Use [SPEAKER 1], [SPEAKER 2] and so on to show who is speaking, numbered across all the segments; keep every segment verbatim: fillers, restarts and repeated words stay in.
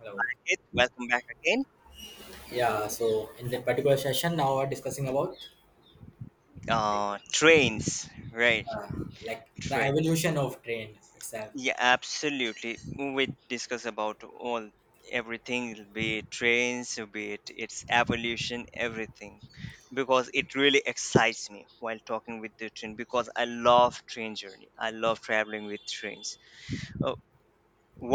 [SPEAKER 1] Hello.
[SPEAKER 2] It. Welcome back again.
[SPEAKER 1] Yeah, so in the particular session, now we're discussing about
[SPEAKER 2] Uh, trains, right?
[SPEAKER 1] uh, like the
[SPEAKER 2] Trains.
[SPEAKER 1] evolution of train itself.
[SPEAKER 2] Yeah, absolutely. We discuss about all everything, be it trains, be it its evolution, everything, because it really excites me while talking with the train because I love train journey. I love traveling with trains. Uh,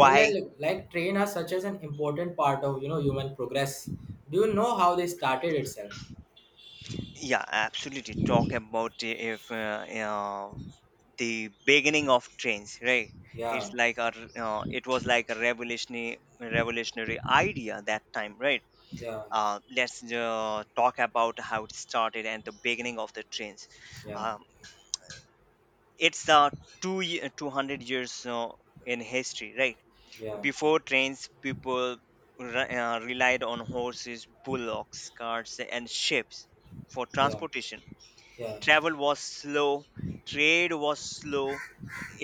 [SPEAKER 1] Yeah, like, like like train are such as an important part of you know human progress. Do you know how they started itself?
[SPEAKER 2] yeah, absolutely. Talk about the- if uh, uh, the beginning of trains, right? It's
[SPEAKER 1] Yeah,
[SPEAKER 2] like a uh, it was like a revolutionary revolutionary idea that time, right?
[SPEAKER 1] yeah,
[SPEAKER 2] Uh, let's uh, talk about how it started and the beginning of the trains.
[SPEAKER 1] yeah,
[SPEAKER 2] Um, it's uh, two ye- two hundred years uh, in history, right?
[SPEAKER 1] yeah,
[SPEAKER 2] Before trains, people re- uh, relied on horses, bullocks, carts, and ships for
[SPEAKER 1] yeah,
[SPEAKER 2] transportation.
[SPEAKER 1] yeah,
[SPEAKER 2] Travel was slow, trade was slow,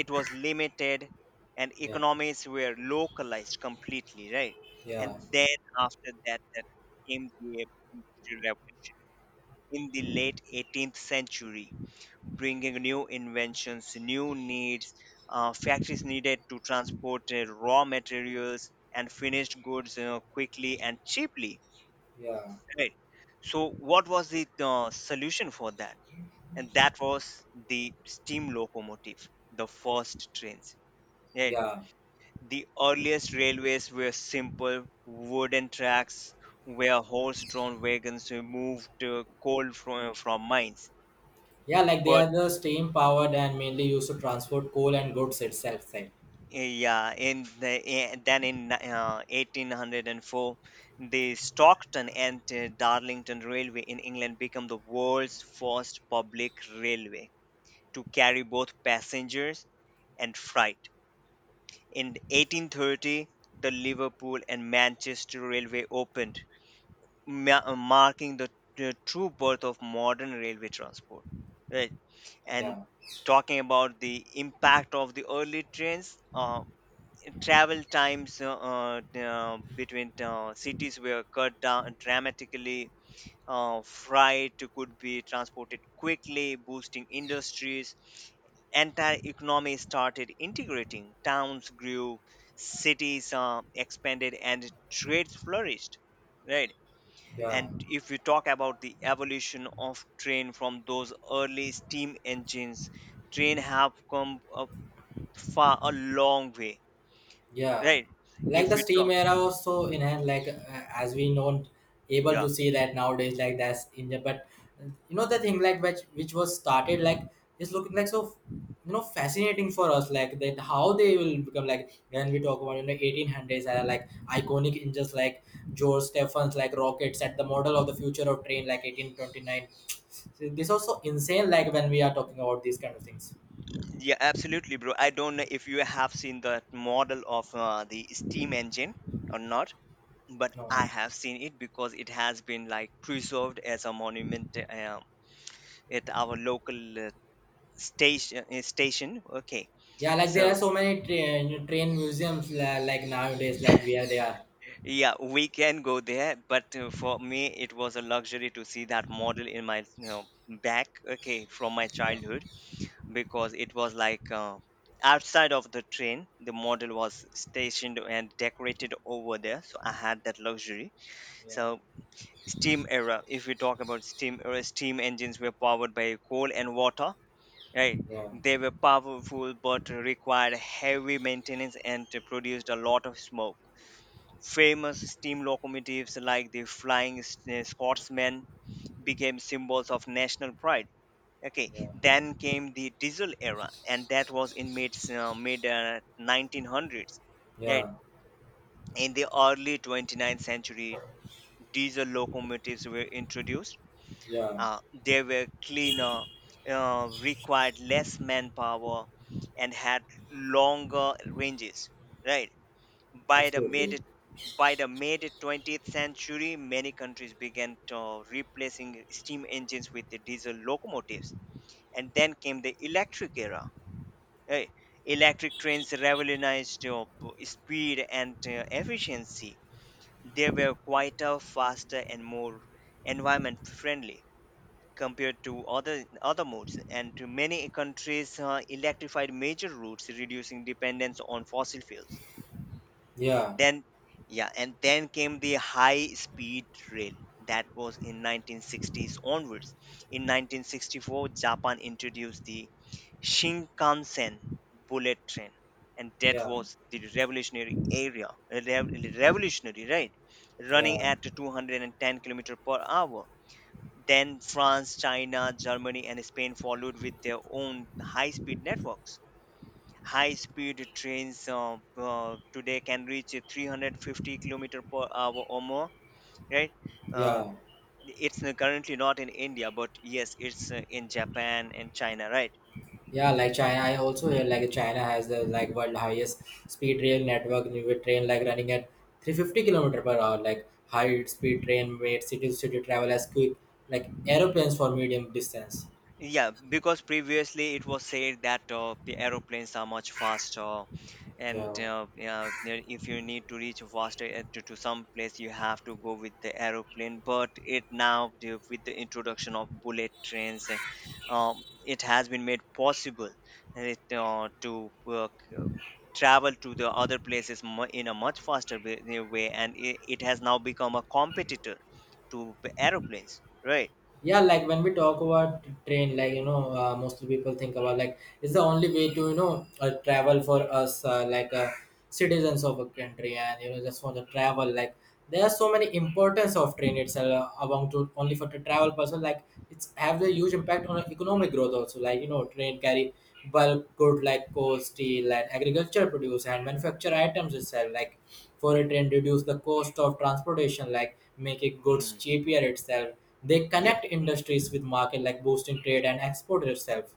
[SPEAKER 2] it was limited, and
[SPEAKER 1] yeah,
[SPEAKER 2] economies were localized completely, right? And
[SPEAKER 1] yeah,
[SPEAKER 2] then after that, that came the Industrial Revolution in the late eighteenth century, bringing new inventions, new needs. Uh, factories needed to transport uh, raw materials and finished goods uh, quickly and cheaply,
[SPEAKER 1] yeah,
[SPEAKER 2] right? So, what was the uh, solution for that? And that was the steam locomotive, the first trains. Right?
[SPEAKER 1] yeah.
[SPEAKER 2] The earliest railways were simple wooden tracks where horse-drawn wagons removed uh, coal from, from mines.
[SPEAKER 1] Yeah, like they
[SPEAKER 2] But
[SPEAKER 1] are the steam powered and mainly used to transport coal and goods itself. Like,
[SPEAKER 2] uh, yeah, in the, eh, then in ni- uh, eighteen hundred four, the Stockton and uh, Darlington Railway in England became the world's first public railway to carry both passengers and freight. In eighteen thirty, the Liverpool and Manchester Railway opened, ma- marking the the true birth of modern railway transport. Right, and
[SPEAKER 1] yeah,
[SPEAKER 2] talking about the impact of the early trains, uh, travel times uh, uh, between uh, cities were cut down dramatically. Uh, freight could be transported quickly, boosting industries. Entire economy started integrating. Towns grew, cities uh, expanded, and trades flourished. Right.
[SPEAKER 1] yeah.
[SPEAKER 2] And if we talk about the evolution of train from those early steam engines, train have come a far a long way.
[SPEAKER 1] Yeah,
[SPEAKER 2] Right.
[SPEAKER 1] like
[SPEAKER 2] If
[SPEAKER 1] the
[SPEAKER 2] we
[SPEAKER 1] steam
[SPEAKER 2] talk,
[SPEAKER 1] era also in hand, like uh, as we know, able
[SPEAKER 2] yeah,
[SPEAKER 1] to see that nowadays, like that's in the but uh, you know the thing like which which was started like is looking like so you know fascinating for us, like, that how they will become like when we talk about you know eighteen hundreds era, like iconic engines like George Stephens like rockets at the model of the future of train like eighteen twenty-nine. So this also insane like when we are talking about these kind of things.
[SPEAKER 2] yeah, absolutely, bro. I don't know if you have seen that model of uh, the steam engine or not, but
[SPEAKER 1] No.
[SPEAKER 2] I have seen it because it has been like preserved as a monument uh, at our local uh, station. Uh, station. Okay,
[SPEAKER 1] Yeah, like there are
[SPEAKER 2] so
[SPEAKER 1] so many train train museums la- like nowadays, like where they are.
[SPEAKER 2] yeah, we can go there, but uh, for me, it was a luxury to see that model in my, you know, back. Okay, from my
[SPEAKER 1] Yeah,
[SPEAKER 2] childhood, because it was like uh, outside of the train the model was stationed and decorated over there, so I had that luxury.
[SPEAKER 1] yeah,
[SPEAKER 2] So steam era, if we talk about steam era, steam engines were powered by coal and water, right?
[SPEAKER 1] yeah,
[SPEAKER 2] They were powerful but required heavy maintenance and they produced a lot of smoke. Famous steam locomotives like the flying S- Scotsman became symbols of national pride. Okay,
[SPEAKER 1] yeah,
[SPEAKER 2] then came the diesel era and that was in mid uh, mid uh, nineteen hundreds, right?
[SPEAKER 1] yeah,
[SPEAKER 2] In the early twenty ninth century, diesel locomotives were introduced.
[SPEAKER 1] yeah,
[SPEAKER 2] uh, they were cleaner, uh, required less manpower, and had longer ranges, right? by the
[SPEAKER 1] absolutely.
[SPEAKER 2] mid by the mid twentieth century, many countries began to replacing steam engines with the diesel locomotives, and then came the electric era. Right. Electric trains revolutionized uh, p- speed and uh, efficiency. They were quieter, faster, and more environment friendly compared to other other modes. And to many countries uh, electrified major routes, reducing dependence on fossil fuels.
[SPEAKER 1] Yeah,
[SPEAKER 2] Then, yeah, and then came the high speed rail. That was in nineteen sixties onwards. In nineteen sixty-four, Japan introduced the Shinkansen bullet train, and that
[SPEAKER 1] yeah,
[SPEAKER 2] was the revolutionary area. uh, rev- Revolutionary, right?
[SPEAKER 1] yeah,
[SPEAKER 2] Running at two hundred ten kilometer per hour. Then France, China, Germany, and Spain followed with their own high speed networks. High speed trains uh, uh, today can reach uh, three hundred fifty kilometer per hour or more, right? uh,
[SPEAKER 1] yeah,
[SPEAKER 2] it's n- currently not in India, but yes, it's uh, in Japan and China, right?
[SPEAKER 1] yeah. Like China, I also hear like China has the like world highest speed rail network with train like running at three hundred fifty kilometer per hour. Like high speed train made city to city travel as quick like aeroplanes for medium distance.
[SPEAKER 2] Yeah, because previously it was said that uh, the aeroplanes are much faster, and
[SPEAKER 1] Yeah,
[SPEAKER 2] uh, yeah, yeah, if you need to reach faster uh, to, to some place, you have to go with the aeroplane. But it now, the- with the introduction of bullet trains, uh, um, it has been made possible. uh, it, uh, to uh, c- Travel to the other places mu- in a much faster way, uh, way, and it, it has now become a competitor to the aeroplanes, right?
[SPEAKER 1] yeah, like when we talk about train, like you know uh, most people think about like it's the only way to you know uh, travel for us uh, like uh, citizens of a country, and you know just for the travel, like there are so many importance of train itself uh, among to only for the travel person. Like it's have a huge impact on economic growth also, like you know train carry bulk good like coal, steel, and agriculture produce and manufacture items itself, like for it, and reduce the cost of transportation, like making goods
[SPEAKER 2] Mhm.
[SPEAKER 1] cheaper itself. They
[SPEAKER 2] Yep.
[SPEAKER 1] connect industries with market, like boosting trade and export itself.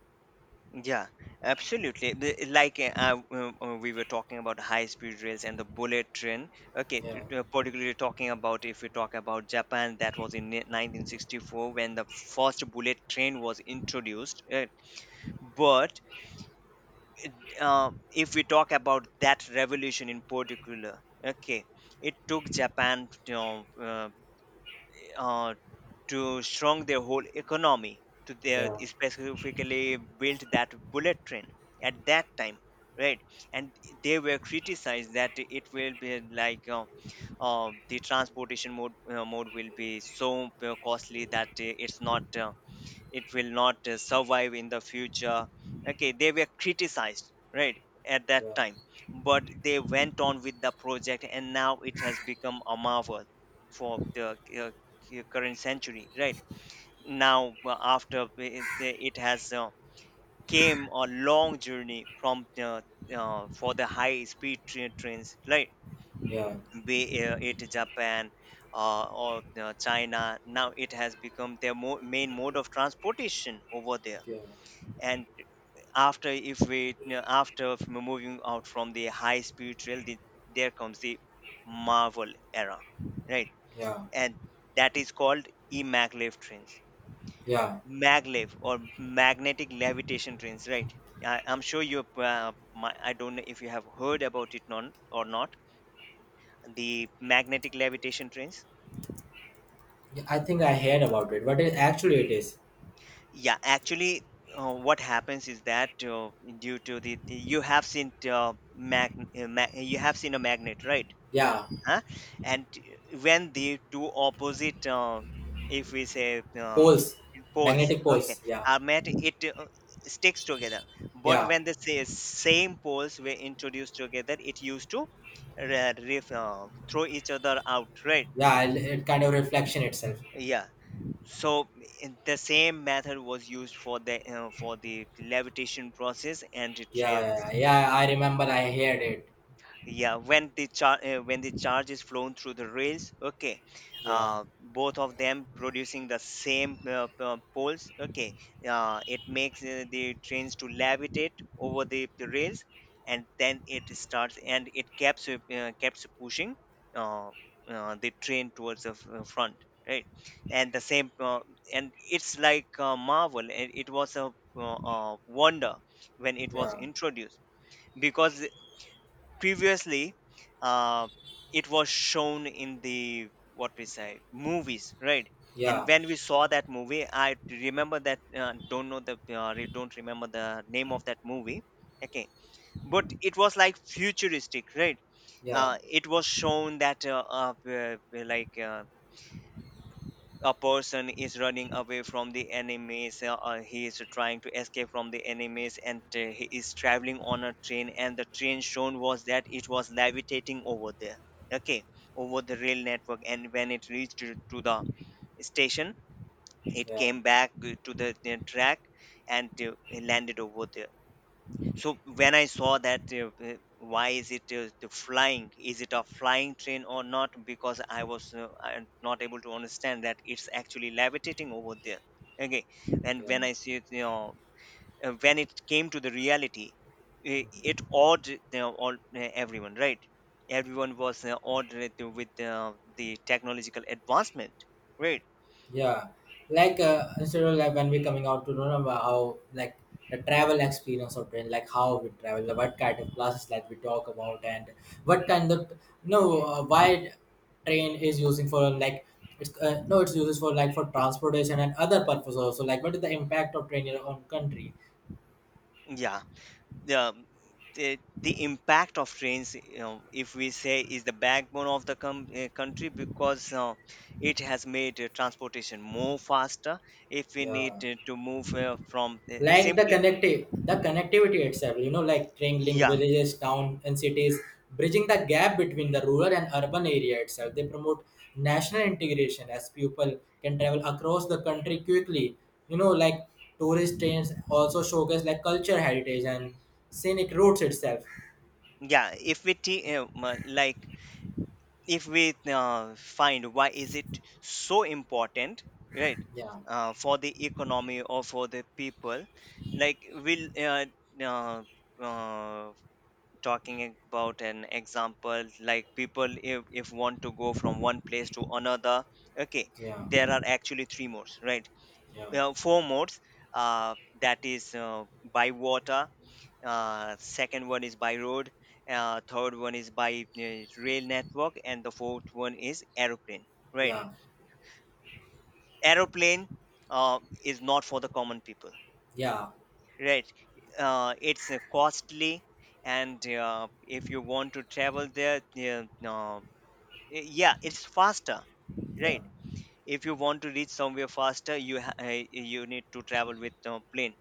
[SPEAKER 2] Yeah, absolutely. The- Like uh, uh, w- uh, we were talking about high-speed rails and the bullet train. Okay,
[SPEAKER 1] Yeah,
[SPEAKER 2] t- t- particularly talking about, if we talk about Japan, that was in ni- nineteen sixty-four when the first bullet train was introduced. uh, But um, if we talk about that revolution in particular, okay, it took Japan, you know, uh, uh, to shrunk their whole economy to their
[SPEAKER 1] yeah,
[SPEAKER 2] specifically built that bullet train at that time, right? And they were criticized that it will be like uh, uh, the transportation mode uh, mode will be so uh, costly that uh, it's not uh, it will not uh, survive in the future. Okay, they were criticized, right, at that
[SPEAKER 1] yeah,
[SPEAKER 2] time. But they went on with the project and now it has become a marvel for the uh, cu- current century, right? Now uh, after it, it has uh, came a long journey from the uh, for the high speed tra- trains, right?
[SPEAKER 1] yeah,
[SPEAKER 2] be uh, It Japan uh, or uh, China, now it has become their mo- main mode of transportation over there.
[SPEAKER 1] yeah,
[SPEAKER 2] And after, if we, you know, after f- moving out from the high speed rail, the, there comes the marvel era, right?
[SPEAKER 1] yeah,
[SPEAKER 2] And that is called maglev trains.
[SPEAKER 1] yeah.
[SPEAKER 2] Maglev, or magnetic levitation trains, right? I, I'm sure you uh, my, I don't know if you have heard about it non, or not, the magnetic levitation trains.
[SPEAKER 1] Yeah, I think I heard about it, but it, actually it is.
[SPEAKER 2] Yeah, actually, uh, what happens is that uh, due to the, the- you have seen uh, mag, uh, mag, you have seen a magnet, right?
[SPEAKER 1] Yeah.
[SPEAKER 2] Huh? And when the two opposite uh, if we say uh,
[SPEAKER 1] Poles.
[SPEAKER 2] poles,
[SPEAKER 1] Magnetic
[SPEAKER 2] okay,
[SPEAKER 1] poles. Yeah.
[SPEAKER 2] are met, it uh, sticks together. But
[SPEAKER 1] Yeah.
[SPEAKER 2] when the sa- same poles were introduced together, it used to re- ref- uh, throw each other out, right?
[SPEAKER 1] Yeah, it, it kind of reflection itself.
[SPEAKER 2] Yeah. So in- the same method was used for the uh, for the levitation process, and it
[SPEAKER 1] Yeah,
[SPEAKER 2] re-
[SPEAKER 1] yeah, yeah. Yeah, I remember I heard it.
[SPEAKER 2] yeah. When the char- uh, when the charge is flown through the rails, okay,
[SPEAKER 1] Yeah,
[SPEAKER 2] uh, both of them producing the same uh, uh, poles, okay, uh, it makes uh, the trains to levitate over the, the rails. And then it starts and it keeps uh, uh, keeps pushing uh, uh, the train towards the f- uh, front, right? And the same uh, and it's like a marvel. It, it was a uh, uh, wonder when it was
[SPEAKER 1] yeah,
[SPEAKER 2] introduced, because previously uh, it was shown in the, what we say, movies, right? And
[SPEAKER 1] yeah,
[SPEAKER 2] when we saw that movie, I remember that uh, don't know the uh, re- don't remember the name of that movie. Okay, but it was like futuristic, right?
[SPEAKER 1] yeah,
[SPEAKER 2] Uh, it was shown that uh, uh, uh, like uh, a person is running away from the enemies uh, or he is trying to escape from the enemies and uh, he is traveling on a train, and the train shown was that it was levitating over there. Okay, over the rail network, and when it reached to to the station, it
[SPEAKER 1] yeah,
[SPEAKER 2] came back uh, to the uh, track and uh, landed over there. So when I saw that uh, uh, why is it uh, the flying, is it a flying train or not, because I was uh, I- not able to understand that it's actually levitating over there. Okay. And
[SPEAKER 1] yeah.
[SPEAKER 2] when I see it, you know, uh, when it came to the reality, it, it awed, you know, all uh, everyone, right? Everyone was uh, awed with the with, uh, the technological advancement, right?
[SPEAKER 1] Yeah, like uh, instead of like when we coming out to know, no, about how, like, the travel experience of train, like how we travel, like what kind of classes like we talk about, and what kind of, no, uh, why train is using for, like, it's uh, no, it's uses for like for transportation and other purposes also, like what is the impact of train on country?
[SPEAKER 2] Yeah, yeah, the, the impact of trains, you know, if we say, is the backbone of the com- uh, country, because uh, it has made uh, transportation more faster. If we need
[SPEAKER 1] Yeah.
[SPEAKER 2] uh, to move uh, from uh,
[SPEAKER 1] Like the
[SPEAKER 2] simply,
[SPEAKER 1] connective the connectivity itself, you know like train link
[SPEAKER 2] yeah,
[SPEAKER 1] villages, town, and cities, bridging the gap between the rural and urban area itself. They promote national integration as people can travel across the country quickly. you know like tourist trains also showcase like culture, heritage, and scenic routes itself.
[SPEAKER 2] yeah, if we t- uh, m- like, if we uh, find why is it so important, right,
[SPEAKER 1] Yeah,
[SPEAKER 2] uh, for the economy or for the people, like will uh, uh, uh, talking about an example, like people, if, if want to go from one place to another, okay,
[SPEAKER 1] yeah,
[SPEAKER 2] there are actually three modes, right?
[SPEAKER 1] yeah,
[SPEAKER 2] Uh, four modes, uh, that is uh, by water, uh, second one is by road, uh, third one is by uh, rail network, and the fourth one is aeroplane, right?
[SPEAKER 1] yeah,
[SPEAKER 2] Aeroplane uh, is not for the common people,
[SPEAKER 1] yeah,
[SPEAKER 2] right? Uh, it's uh, costly. And uh, if you want to travel there, yeah, uh, Eh, yeah, it's faster,
[SPEAKER 1] yeah,
[SPEAKER 2] right? If you want to reach somewhere faster, you ha- uh, you need to travel with uh, plane,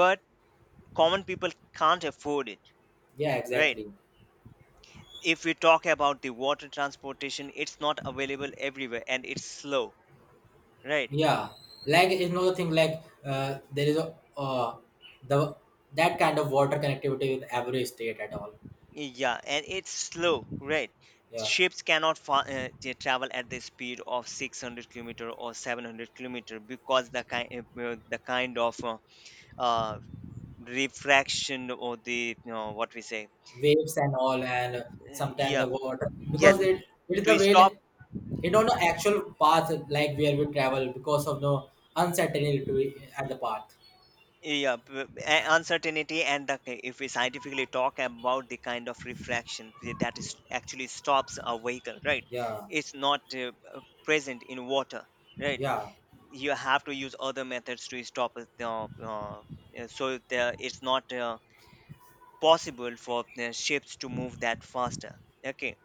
[SPEAKER 2] but common people can't afford it,
[SPEAKER 1] yeah,
[SPEAKER 2] right?
[SPEAKER 1] exactly.
[SPEAKER 2] If we talk about the water transportation, it's not available everywhere, and it's slow, right?
[SPEAKER 1] Yeah, like is another thing like uh, there is a uh, the that kind of water connectivity with every state at all.
[SPEAKER 2] Yeah, and it's slow, right?
[SPEAKER 1] Yeah,
[SPEAKER 2] Ships cannot fa- uh, They travel at the speed of six hundred kilometer or seven hundred kilometer, because the kind uh, the kind of uh, uh, refraction. Or the you know, what we say.
[SPEAKER 1] waves and all, and sometimes
[SPEAKER 2] Yeah,
[SPEAKER 1] the water
[SPEAKER 2] yeah,
[SPEAKER 1] because it it is the
[SPEAKER 2] to
[SPEAKER 1] way.
[SPEAKER 2] stop.
[SPEAKER 1] You don't know actual path like where we travel because of no uncertainty at the path.
[SPEAKER 2] Yeah, p- a- uncertainty. And the, if we scientifically talk about the kind of refraction that is actually stops a vehicle, right?
[SPEAKER 1] Yeah,
[SPEAKER 2] It's not uh, uh, present in water, right?
[SPEAKER 1] yeah,
[SPEAKER 2] You have to use other methods to stop it. Uh, uh, so there, it's not uh, possible for the ships to move that faster. Okay.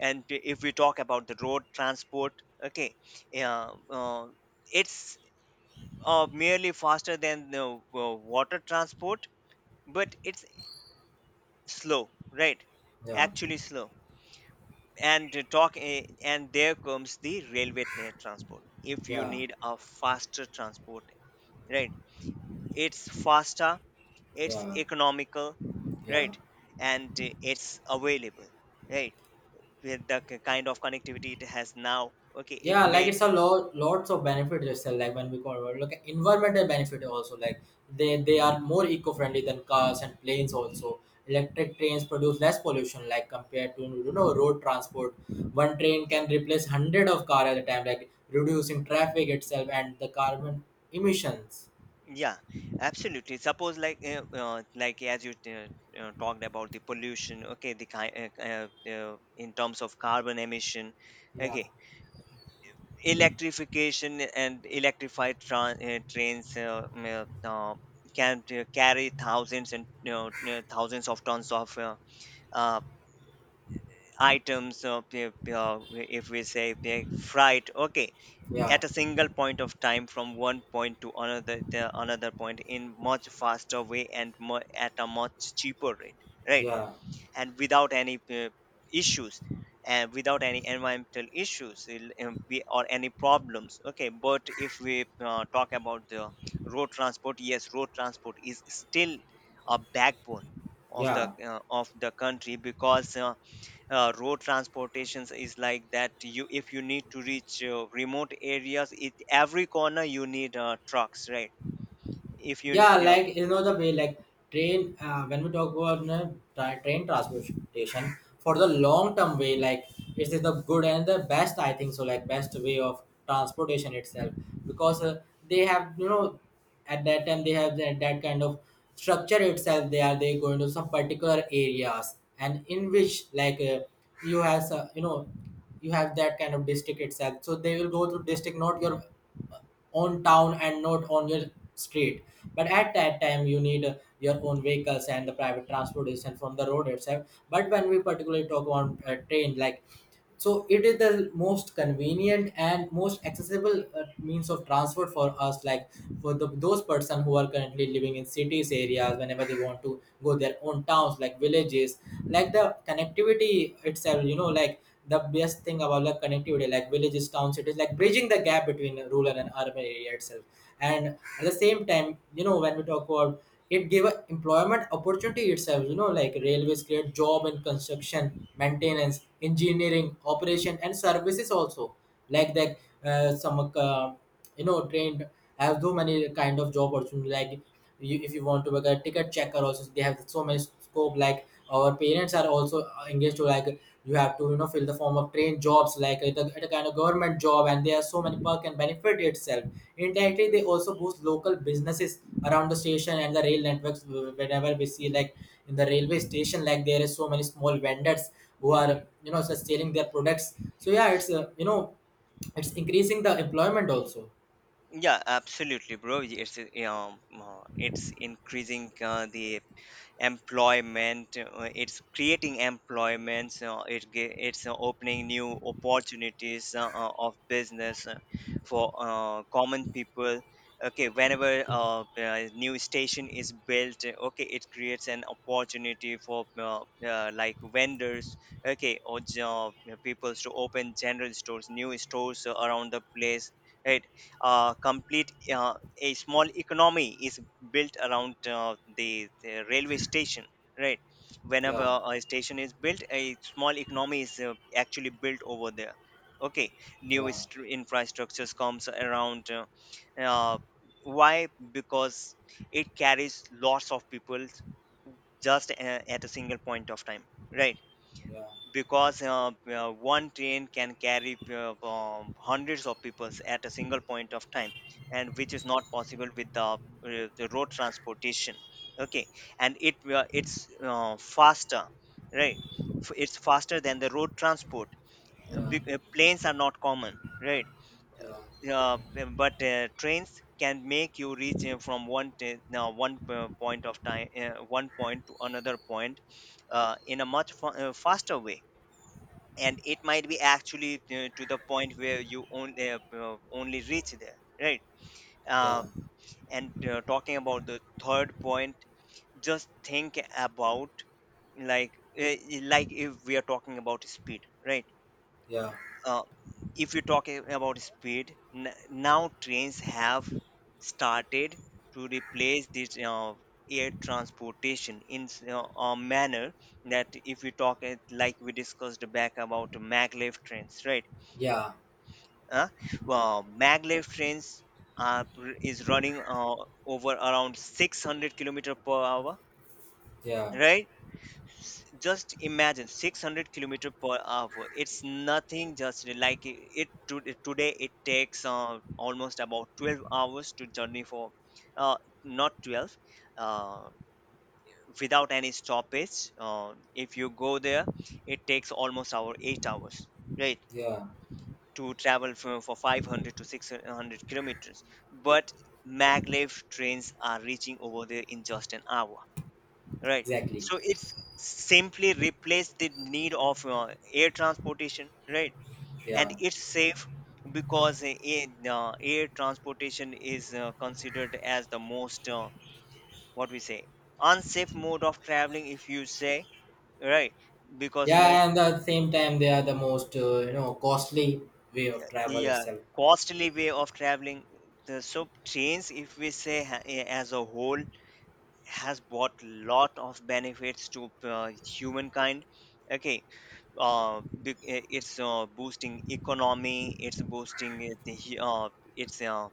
[SPEAKER 2] And if we talk about the road transport, okay, yeah, uh, it's uh, merely faster than the uh, water transport, but it's slow, right?
[SPEAKER 1] yeah,
[SPEAKER 2] Actually slow. And uh, talk, uh, and there comes the railway tra- transport. If you
[SPEAKER 1] yeah,
[SPEAKER 2] need a faster transport, right? It's faster,
[SPEAKER 1] yeah,
[SPEAKER 2] it's
[SPEAKER 1] yeah,
[SPEAKER 2] economical,
[SPEAKER 1] yeah.
[SPEAKER 2] right? And uh, it's available, right? With the k- kind of connectivity it has now, okay, it
[SPEAKER 1] Yeah, like
[SPEAKER 2] made.
[SPEAKER 1] it's a lot lots of benefits itself. Like when we call, like, environmental benefit also. Like they they are more eco friendly than cars and planes also. Electric trains produce less pollution like compared to you know road transport. One train
[SPEAKER 2] Yeah,
[SPEAKER 1] can replace hundred of car at a time, like reducing traffic itself and the carbon emissions.
[SPEAKER 2] yeah, absolutely. Suppose, like uh, uh, like as you t- uh, talked about the pollution, okay, the ki- uh, uh, uh, in terms of carbon emission,
[SPEAKER 1] Yeah,
[SPEAKER 2] okay, electrification and electrified tra- uh, trains uh, mm, uh, uh, can uh, carry thousands and you know, uh, thousands of tons of uh, uh, items. Uh, p- p- uh, if we say uh, freight, okay,
[SPEAKER 1] yeah,
[SPEAKER 2] at a single point of time from one point to another, the another point, in much faster way, and mu- at a much cheaper rate, right.
[SPEAKER 1] yeah,
[SPEAKER 2] And without any uh, issues, and without any environmental issues, il- um, we- or any problems. Okay, but if we uh, talk about the road transport. Yes, road transport is still a backbone of the
[SPEAKER 1] yeah.
[SPEAKER 2] uh, of the country, because uh, uh, road transportations is like that. You, if you need to reach uh, remote areas, it every corner, you need uh, trucks, right? If you,
[SPEAKER 1] Yeah,
[SPEAKER 2] you know,
[SPEAKER 1] like you know the way like train. Uh, when we talk about you know, tra- train transportation for the long term way, like it is the good and the best. I think so. Like best way of transportation itself because uh, they have you know at that time they have that, that kind of structure itself. They are they going to some particular areas, and in which like uh, you have some- you know you have that kind of district itself, so they will go through district, not your on town and not on your street. But at that time, you need uh, your own vehicles and the private transportation from the road itself. But when we particularly talk on uh, train, like so it is the most convenient and most accessible uh, means of transport for us, like for the, those person who are currently living in cities areas, whenever they want to go their own towns like villages, like the connectivity itself, you know like the best thing about the connectivity like villages, towns, cities, like bridging the gap between rural and urban area itself. And at the same time, you know when we talk about, it gave a employment opportunity itself. you know like railways create job in construction, maintenance, engineering, operation, and services also. Like that uh, some uh, you know trained have so many kind of job opportunity, like you, if you want to work a ticket checker also, they have so many scope. Like our parents are also uh, engaged to, like you have to you know fill the form of train jobs like at a, at a kind of government job, and there are so many perk and benefit itself. Indirectly they also boost local businesses around the station and the rail networks. Whenever we see, like in the railway station, like there is so many small vendors who are you know just selling their products. So yeah, it's uh, you know it's increasing the employment also.
[SPEAKER 2] yeah, absolutely, bro. It's uh, um, uh, it's increasing uh, the employment, uh, it's creating employments, uh, it ge- it's uh, opening new opportunities uh, uh, of business uh, for uh, common people. Okay, whenever uh, a new station is built, uh, okay, it creates an opportunity for uh, uh, like vendors, okay, or job, uh, people, to open general stores, new stores, uh, around the place, right. Uh, complete, uh, a small economy is built around uh, the, the railway station, right. Whenever
[SPEAKER 1] Yeah,
[SPEAKER 2] a station is built, a small economy is uh, actually built over there. Okay, new
[SPEAKER 1] yeah,
[SPEAKER 2] istru- infrastructures comes around. uh, uh, why? Because it carries lots of people, just uh, at a single point of time, right.
[SPEAKER 1] yeah,
[SPEAKER 2] Because uh, uh, one train can carry uh, um, hundreds of people at a single point of time, and which is not possible with the, uh, the road transportation. Okay. And it uh, it's uh, faster, right. F- it's faster than the road transport. Uh,
[SPEAKER 1] yeah,
[SPEAKER 2] bec- uh, planes are not common, right.
[SPEAKER 1] yeah,
[SPEAKER 2] uh, but uh, Trains can make you reach uh, from one t- now one uh, point of time uh, one point to another point uh, in a much fa- uh, faster way, and it might be actually uh, to the point where you only uh, uh, only reach there, right.
[SPEAKER 1] yeah,
[SPEAKER 2] uh, and uh, Talking about the third point, just think about, like, uh, like if we are talking about speed, right.
[SPEAKER 1] yeah,
[SPEAKER 2] uh, if you're talking about speed, n- now trains have started to replace this uh, air transportation in s- uh, a manner that, if we talk it, like we discussed back about maglev trains, right.
[SPEAKER 1] yeah,
[SPEAKER 2] uh, uh, Maglev trains are, is running uh, over around six hundred kilometer per hour,
[SPEAKER 1] yeah,
[SPEAKER 2] right. S- just imagine, six hundred kilometer per hour, it's nothing. Just like it, it to, today, it takes uh, almost about twelve hours to journey for, uh, not twelve, uh, without any stoppage, uh, if you go there, it takes almost our eight hours, right,
[SPEAKER 1] yeah,
[SPEAKER 2] to travel for, for five hundred to six hundred kilometers. But maglev trains are reaching over there in just an hour, right.
[SPEAKER 1] exactly.
[SPEAKER 2] So it's simply replace the need of uh, air transportation, right. And
[SPEAKER 1] Yeah,
[SPEAKER 2] it's safe, because uh, in, uh, air transportation is uh, considered as the most, uh, what we say, unsafe mode of traveling, if you say, right. Because most.
[SPEAKER 1] yeah, and at the same time they are the most uh, you know costly way
[SPEAKER 2] Yeah,
[SPEAKER 1] of travel
[SPEAKER 2] yeah,
[SPEAKER 1] itself.
[SPEAKER 2] costly way of traveling. The So trains, if we say ha- a- as a whole, has brought lot of benefits to uh, humankind. Okay. Uh, be- i- it's uh, boosting economy. It's boosting it- the hu- uh, it's uh,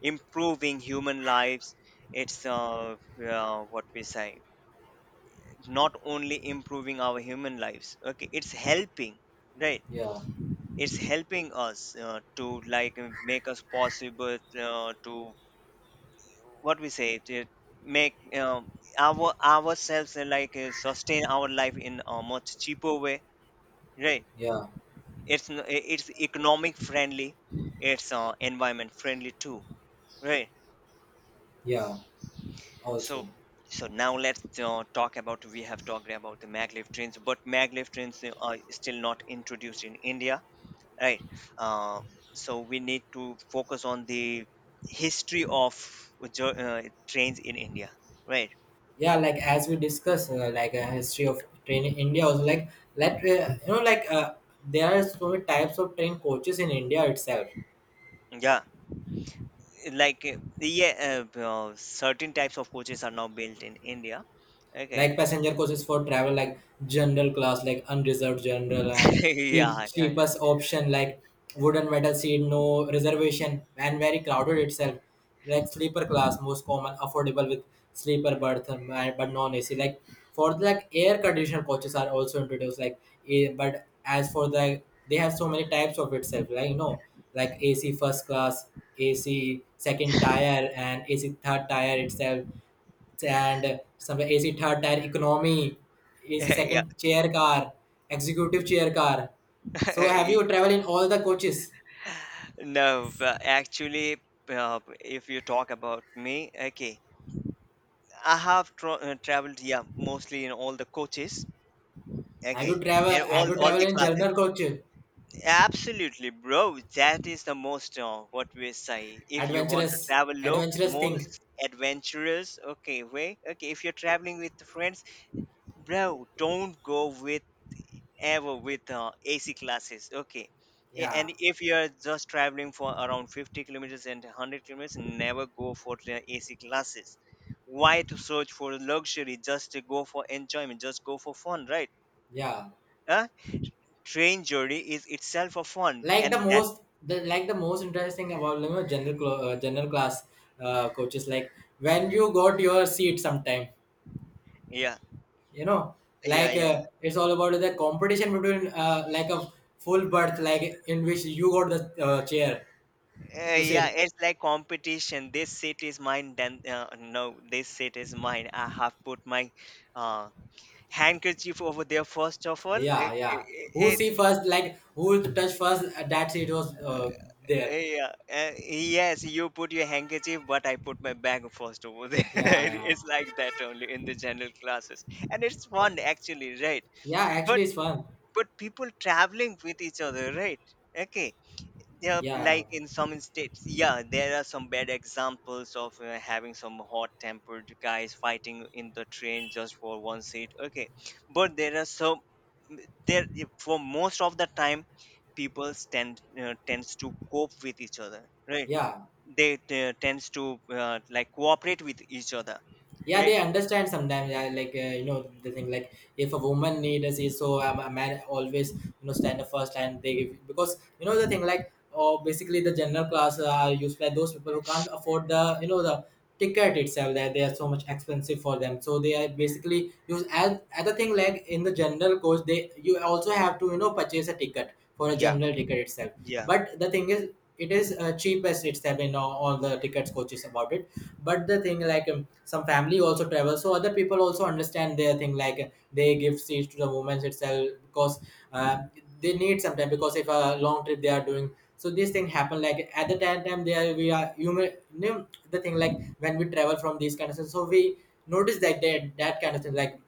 [SPEAKER 2] improving human lives. It's uh, uh, what we say, not only improving our human lives. Okay, it's helping, right?
[SPEAKER 1] Yeah,
[SPEAKER 2] It's helping us uh, to, like, uh, make us possible uh, to, what we say, to make um, our ourselves, uh, like uh, sustain our life in a much cheaper way, right.
[SPEAKER 1] yeah,
[SPEAKER 2] It's n- i- it's economic friendly, it's uh, environment friendly too, right.
[SPEAKER 1] yeah,
[SPEAKER 2] so
[SPEAKER 1] also.
[SPEAKER 2] so now let's uh, talk about, we have talked about the maglev trains, but maglev trains uh, are still not introduced in India, right. uh, so we need to focus on the history of jo- uh, trains in India, right.
[SPEAKER 1] Yeah, like as we discuss uh, like a history of train in India also, like let uh, you know like uh, there are so many types of train coaches in India itself,
[SPEAKER 2] Yeah, like uh, yeah uh, uh, certain types of coaches are now built in India, okay.
[SPEAKER 1] like passenger coaches for travel like general class, like unreserved general, and cheap,
[SPEAKER 2] Yeah, yeah, yeah,
[SPEAKER 1] cheapest option, like wooden metal seat, no reservation, and very crowded itself. Like sleeper class, most common, affordable with sleeper berth, um, and- but non A C. Like for the, like air conditioner coaches are also introduced, like a, but as for the, they have so many types of itself, like you know like A C first class, A C second tier, and A C third tier itself, and some A C third tier economy, A C
[SPEAKER 2] yeah,
[SPEAKER 1] second chair car, executive chair car. So have
[SPEAKER 2] yeah.
[SPEAKER 1] you traveled in all the coaches?
[SPEAKER 2] No, but actually, uh, if you talk about me, okay, I have tra- uh, traveled, yeah, mostly in all the coaches.
[SPEAKER 1] Have you
[SPEAKER 2] Okay,
[SPEAKER 1] travel
[SPEAKER 2] and
[SPEAKER 1] have
[SPEAKER 2] all
[SPEAKER 1] you
[SPEAKER 2] all
[SPEAKER 1] traveled
[SPEAKER 2] the
[SPEAKER 1] in
[SPEAKER 2] classes.
[SPEAKER 1] general coach?
[SPEAKER 2] Absolutely, bro. That is the most, uh, what we say. If you want to
[SPEAKER 1] Adventurous.
[SPEAKER 2] travel, look
[SPEAKER 1] Adventurous
[SPEAKER 2] more
[SPEAKER 1] thing.
[SPEAKER 2] adventurous. Okay, way. Okay, if you're traveling with friends, bro, don't go with ever with uh, A C classes, okay. Yeah,
[SPEAKER 1] Yeah.
[SPEAKER 2] and if you're just traveling for around fifty kilometers and a hundred kilometers, never go for the A C classes. Why to search for luxury? Just to go for enjoyment. Just go for fun, right?
[SPEAKER 1] Yeah.
[SPEAKER 2] Huh? Train journey is itself a fun,
[SPEAKER 1] Like the
[SPEAKER 2] and that.
[SPEAKER 1] most the like the most interesting about you know, general clo- uh, general class uh, coaches. Like when you got your seat sometime,
[SPEAKER 2] Yeah.
[SPEAKER 1] you know
[SPEAKER 2] Yeah,
[SPEAKER 1] like
[SPEAKER 2] yeah,
[SPEAKER 1] uh, it's all about the competition between uh, like a full berth like in which you got the uh, chair
[SPEAKER 2] yeah. Uh,
[SPEAKER 1] to
[SPEAKER 2] yeah.
[SPEAKER 1] sit.
[SPEAKER 2] It's like competition. This seat is mine. Then, uh, no, this seat is mine. I have put my uh, handkerchief over there first of all.
[SPEAKER 1] Yeah,
[SPEAKER 2] It,
[SPEAKER 1] yeah,
[SPEAKER 2] it,
[SPEAKER 1] who
[SPEAKER 2] it-
[SPEAKER 1] see first, like who touch first, uh, that seat was uh, there.
[SPEAKER 2] yeah, uh, yes, you put your handkerchief, but I put my bag first over there.
[SPEAKER 1] Yeah, yeah,
[SPEAKER 2] It's like that only in the general classes, and it's fun actually, right?
[SPEAKER 1] yeah, actually
[SPEAKER 2] But
[SPEAKER 1] it's fun.
[SPEAKER 2] but people traveling with each other, right? Okay. Yeah,
[SPEAKER 1] Yeah,
[SPEAKER 2] like in some states, yeah, there are some bad examples of uh, having some hot-tempered guys fighting in the train just for one seat. Okay, but there are some m- there if- for most of the time, people tend uh, tends to cope with each other, right?
[SPEAKER 1] yeah,
[SPEAKER 2] They uh, tends to uh, like cooperate with each other,
[SPEAKER 1] yeah, they
[SPEAKER 2] right?
[SPEAKER 1] understand sometimes. Yeah, like uh, you know the thing like if a woman need a seat, so um, a man always you know stand up first and they give, because you know the thing like or basically the general class are used by those people who can't afford the you know the ticket itself, that they are so much expensive for them. So they are basically use as other thing, like in the general course they, you also have to you know purchase a ticket for a
[SPEAKER 2] Yeah,
[SPEAKER 1] general ticket itself.
[SPEAKER 2] yeah.
[SPEAKER 1] But the thing is, it is uh, cheapest. It's having all, all the tickets coaches about it. But the thing like, um, some family also travel, so other people also understand their thing like uh, they give seats to the women itself, because uh, they need some time, because if a long trip they are doing. So this thing happen like at the time time there, we are human. you know, the thing like when we travel from these kind of things, so we notice that they, that kind of thing like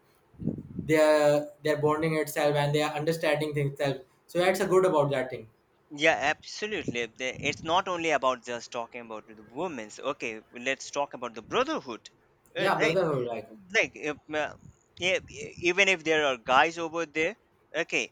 [SPEAKER 1] they're they're bonding itself, and they are understanding things itself. So that's a good about that thing.
[SPEAKER 2] Yeah, absolutely. The- It's not only about just talking about the women's. Okay, let's talk about the brotherhood, uh,
[SPEAKER 1] Yeah,
[SPEAKER 2] right?
[SPEAKER 1] brotherhood, like.
[SPEAKER 2] Like if, uh, yeah, e- even if there are guys over there, okay,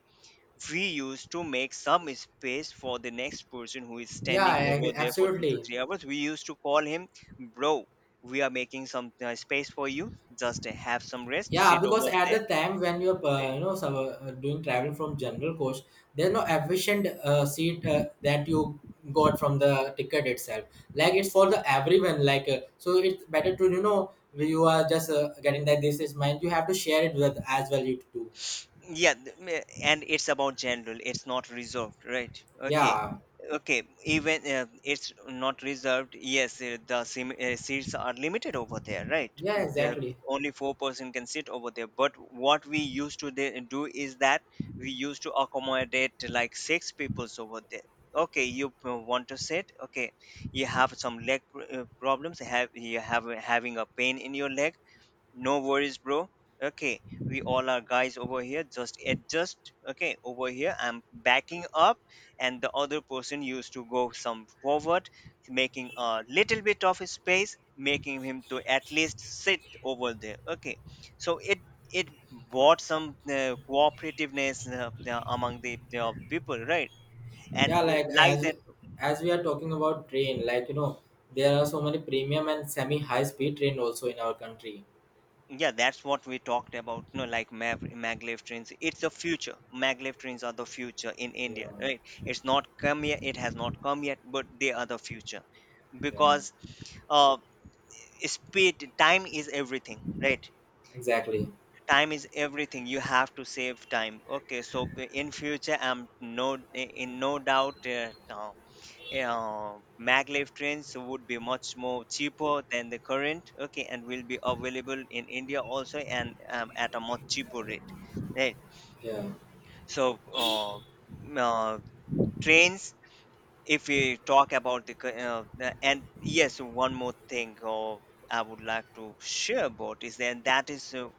[SPEAKER 2] we used to make some space for the next person who is
[SPEAKER 1] Yeah,
[SPEAKER 2] standing
[SPEAKER 1] I-
[SPEAKER 2] over there for two to
[SPEAKER 1] absolutely.
[SPEAKER 2] three hours we used to call him bro, we are making some uh, space for you, just have some rest,
[SPEAKER 1] Yeah,
[SPEAKER 2] sit
[SPEAKER 1] because
[SPEAKER 2] over
[SPEAKER 1] at
[SPEAKER 2] there.
[SPEAKER 1] the time when you're uh, you know so, uh, doing travel from general coach, there's no efficient uh, seat uh, that you got from the ticket itself. Like it's for the everyone. Like uh, so, it's better to you know you are just uh, getting that this is mine. You have to share it with as well you do.
[SPEAKER 2] Yeah, th- me- and it's about general, it's not reserved, right? Okay.
[SPEAKER 1] Yeah,
[SPEAKER 2] Okay, even uh, it's not reserved. Yes, uh, the sim- uh, seats are limited over there, right.
[SPEAKER 1] yeah,
[SPEAKER 2] the,
[SPEAKER 1] exactly.
[SPEAKER 2] Only four person can sit over there, but what we used to de- do is that we used to accommodate like six peoples over there. Okay, you p- want to sit, okay, you have some leg pr- uh, problems, have you have having a pain in your leg? No worries, bro. Okay, we all are guys over here. Just adjust. Okay, over here, I'm backing up, and the other person used to go some forward, making a little bit of space, making him to at least sit over there. Okay, so it it brought some uh, cooperativeness uh, among the uh, people, right? And
[SPEAKER 1] Yeah,
[SPEAKER 2] uh,
[SPEAKER 1] like
[SPEAKER 2] like
[SPEAKER 1] as
[SPEAKER 2] that.
[SPEAKER 1] as we are talking about train, like you know there are so many premium and semi high speed train also in our country.
[SPEAKER 2] Yeah, that's what we talked about. No, like Mav, maglev trains. It's the future. Maglev trains are the future in
[SPEAKER 1] Yeah,
[SPEAKER 2] India, right? It's not come yet. It has not come yet, but they are the future,
[SPEAKER 1] yeah.
[SPEAKER 2] because uh, speed, time is everything, right?
[SPEAKER 1] Exactly.
[SPEAKER 2] Time is everything. You have to save time. Okay, so in future, I'm no, in no doubt. Uh, uh, Maglev trains would be much more cheaper than the current, okay, and will be available in India also, and um, at a much cheaper rate, right.
[SPEAKER 1] Yeah.
[SPEAKER 2] So uh, m- uh, trains, if we talk about the cu- uh, the- and yes, one more thing, uh, I would like to share about is then that is, uh,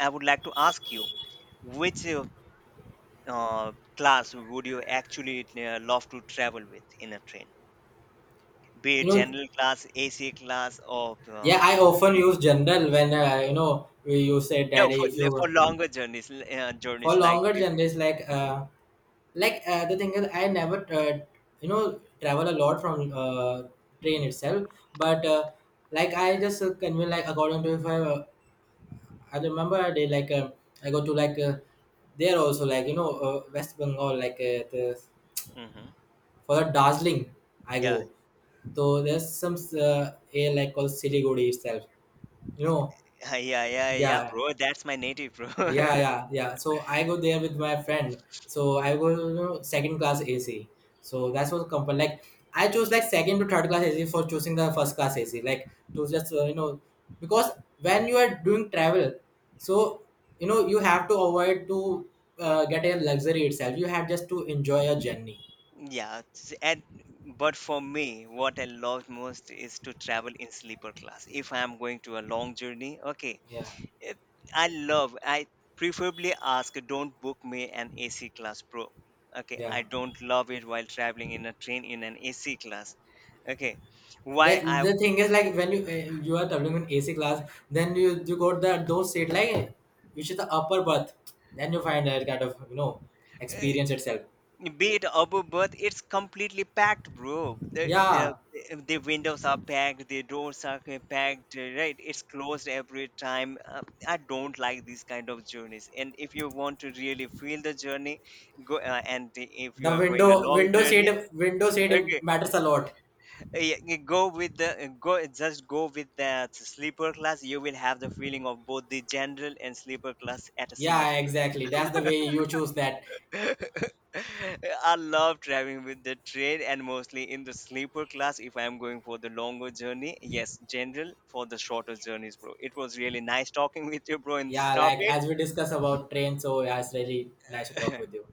[SPEAKER 2] I would like to ask you which, uh, uh, class would you actually uh, love to travel with in a train. Be
[SPEAKER 1] You
[SPEAKER 2] it
[SPEAKER 1] know,
[SPEAKER 2] general class, A C class, or
[SPEAKER 1] yeah,
[SPEAKER 2] uh,
[SPEAKER 1] I often
[SPEAKER 2] sleep-
[SPEAKER 1] use general when uh, you know we you say
[SPEAKER 2] no.
[SPEAKER 1] daddy
[SPEAKER 2] For
[SPEAKER 1] if you
[SPEAKER 2] for
[SPEAKER 1] want.
[SPEAKER 2] longer journeys, l- uh,
[SPEAKER 1] For
[SPEAKER 2] journeys, like
[SPEAKER 1] longer
[SPEAKER 2] if,
[SPEAKER 1] journeys like uh like uh, the thing is I never uh, you know travel a lot from uh, train itself, but uh, like I just uh, convey like according to if I uh, I remember I did like uh, I go to like uh, there also like you know uh, West Bengal like uh, the,
[SPEAKER 2] hmm.
[SPEAKER 1] for the Darjeeling I
[SPEAKER 2] Yeah.
[SPEAKER 1] go. So there's some uh, air like called Siliguri itself, you know.
[SPEAKER 2] Yeah, yeah, yeah,
[SPEAKER 1] Yeah,
[SPEAKER 2] bro. That's my native, bro.
[SPEAKER 1] yeah, yeah, yeah. So I go there with my friend. So I go, you know, second class A C. So that's what company like. I chose like second to third class A C for choosing the first class A C. Like to just uh, you know, because when you are doing travel, so you know you have to avoid to uh, get a luxury itself. You have just to enjoy your journey.
[SPEAKER 2] Yeah, s- and but for me, what I love most is to travel in sleeper class. If I am going to a long journey, okay,
[SPEAKER 1] Yeah,
[SPEAKER 2] it, I love. I preferably ask, don't book me an A C class, bro. Okay,
[SPEAKER 1] yeah.
[SPEAKER 2] I don't love it while traveling in a train in an A C class. Okay, why
[SPEAKER 1] The,
[SPEAKER 2] I.
[SPEAKER 1] the thing is, like when you uh, you are traveling in A C class, then you you got the those seat like which is the upper berth. Then you find that kind of, you know, experience itself.
[SPEAKER 2] Be it above birth, it's completely packed, bro. The,
[SPEAKER 1] Yeah,
[SPEAKER 2] the the windows are packed, the doors are ca- packed, uh, right? It's closed every time. Uh, I don't like these kind of journeys. And if you want to really feel the journey, go uh, and if
[SPEAKER 1] the
[SPEAKER 2] you are going a
[SPEAKER 1] window
[SPEAKER 2] long
[SPEAKER 1] window seat
[SPEAKER 2] journey,
[SPEAKER 1] window seat
[SPEAKER 2] okay,
[SPEAKER 1] matters a lot.
[SPEAKER 2] uh, yeah, you go with the uh, go, just go with that sleeper class. You will have the feeling of both the general and sleeper class at a single
[SPEAKER 1] Yeah,
[SPEAKER 2] time.
[SPEAKER 1] exactly. That's the way you choose that.
[SPEAKER 2] I love traveling with the train and mostly in the sleeper class if I am going for the longer journey. Yes, general for the shorter journeys, bro. It was really nice talking with you, bro, in this
[SPEAKER 1] Yeah, like
[SPEAKER 2] topic.
[SPEAKER 1] as we discuss about train, so yeah, it's really nice to talk with you.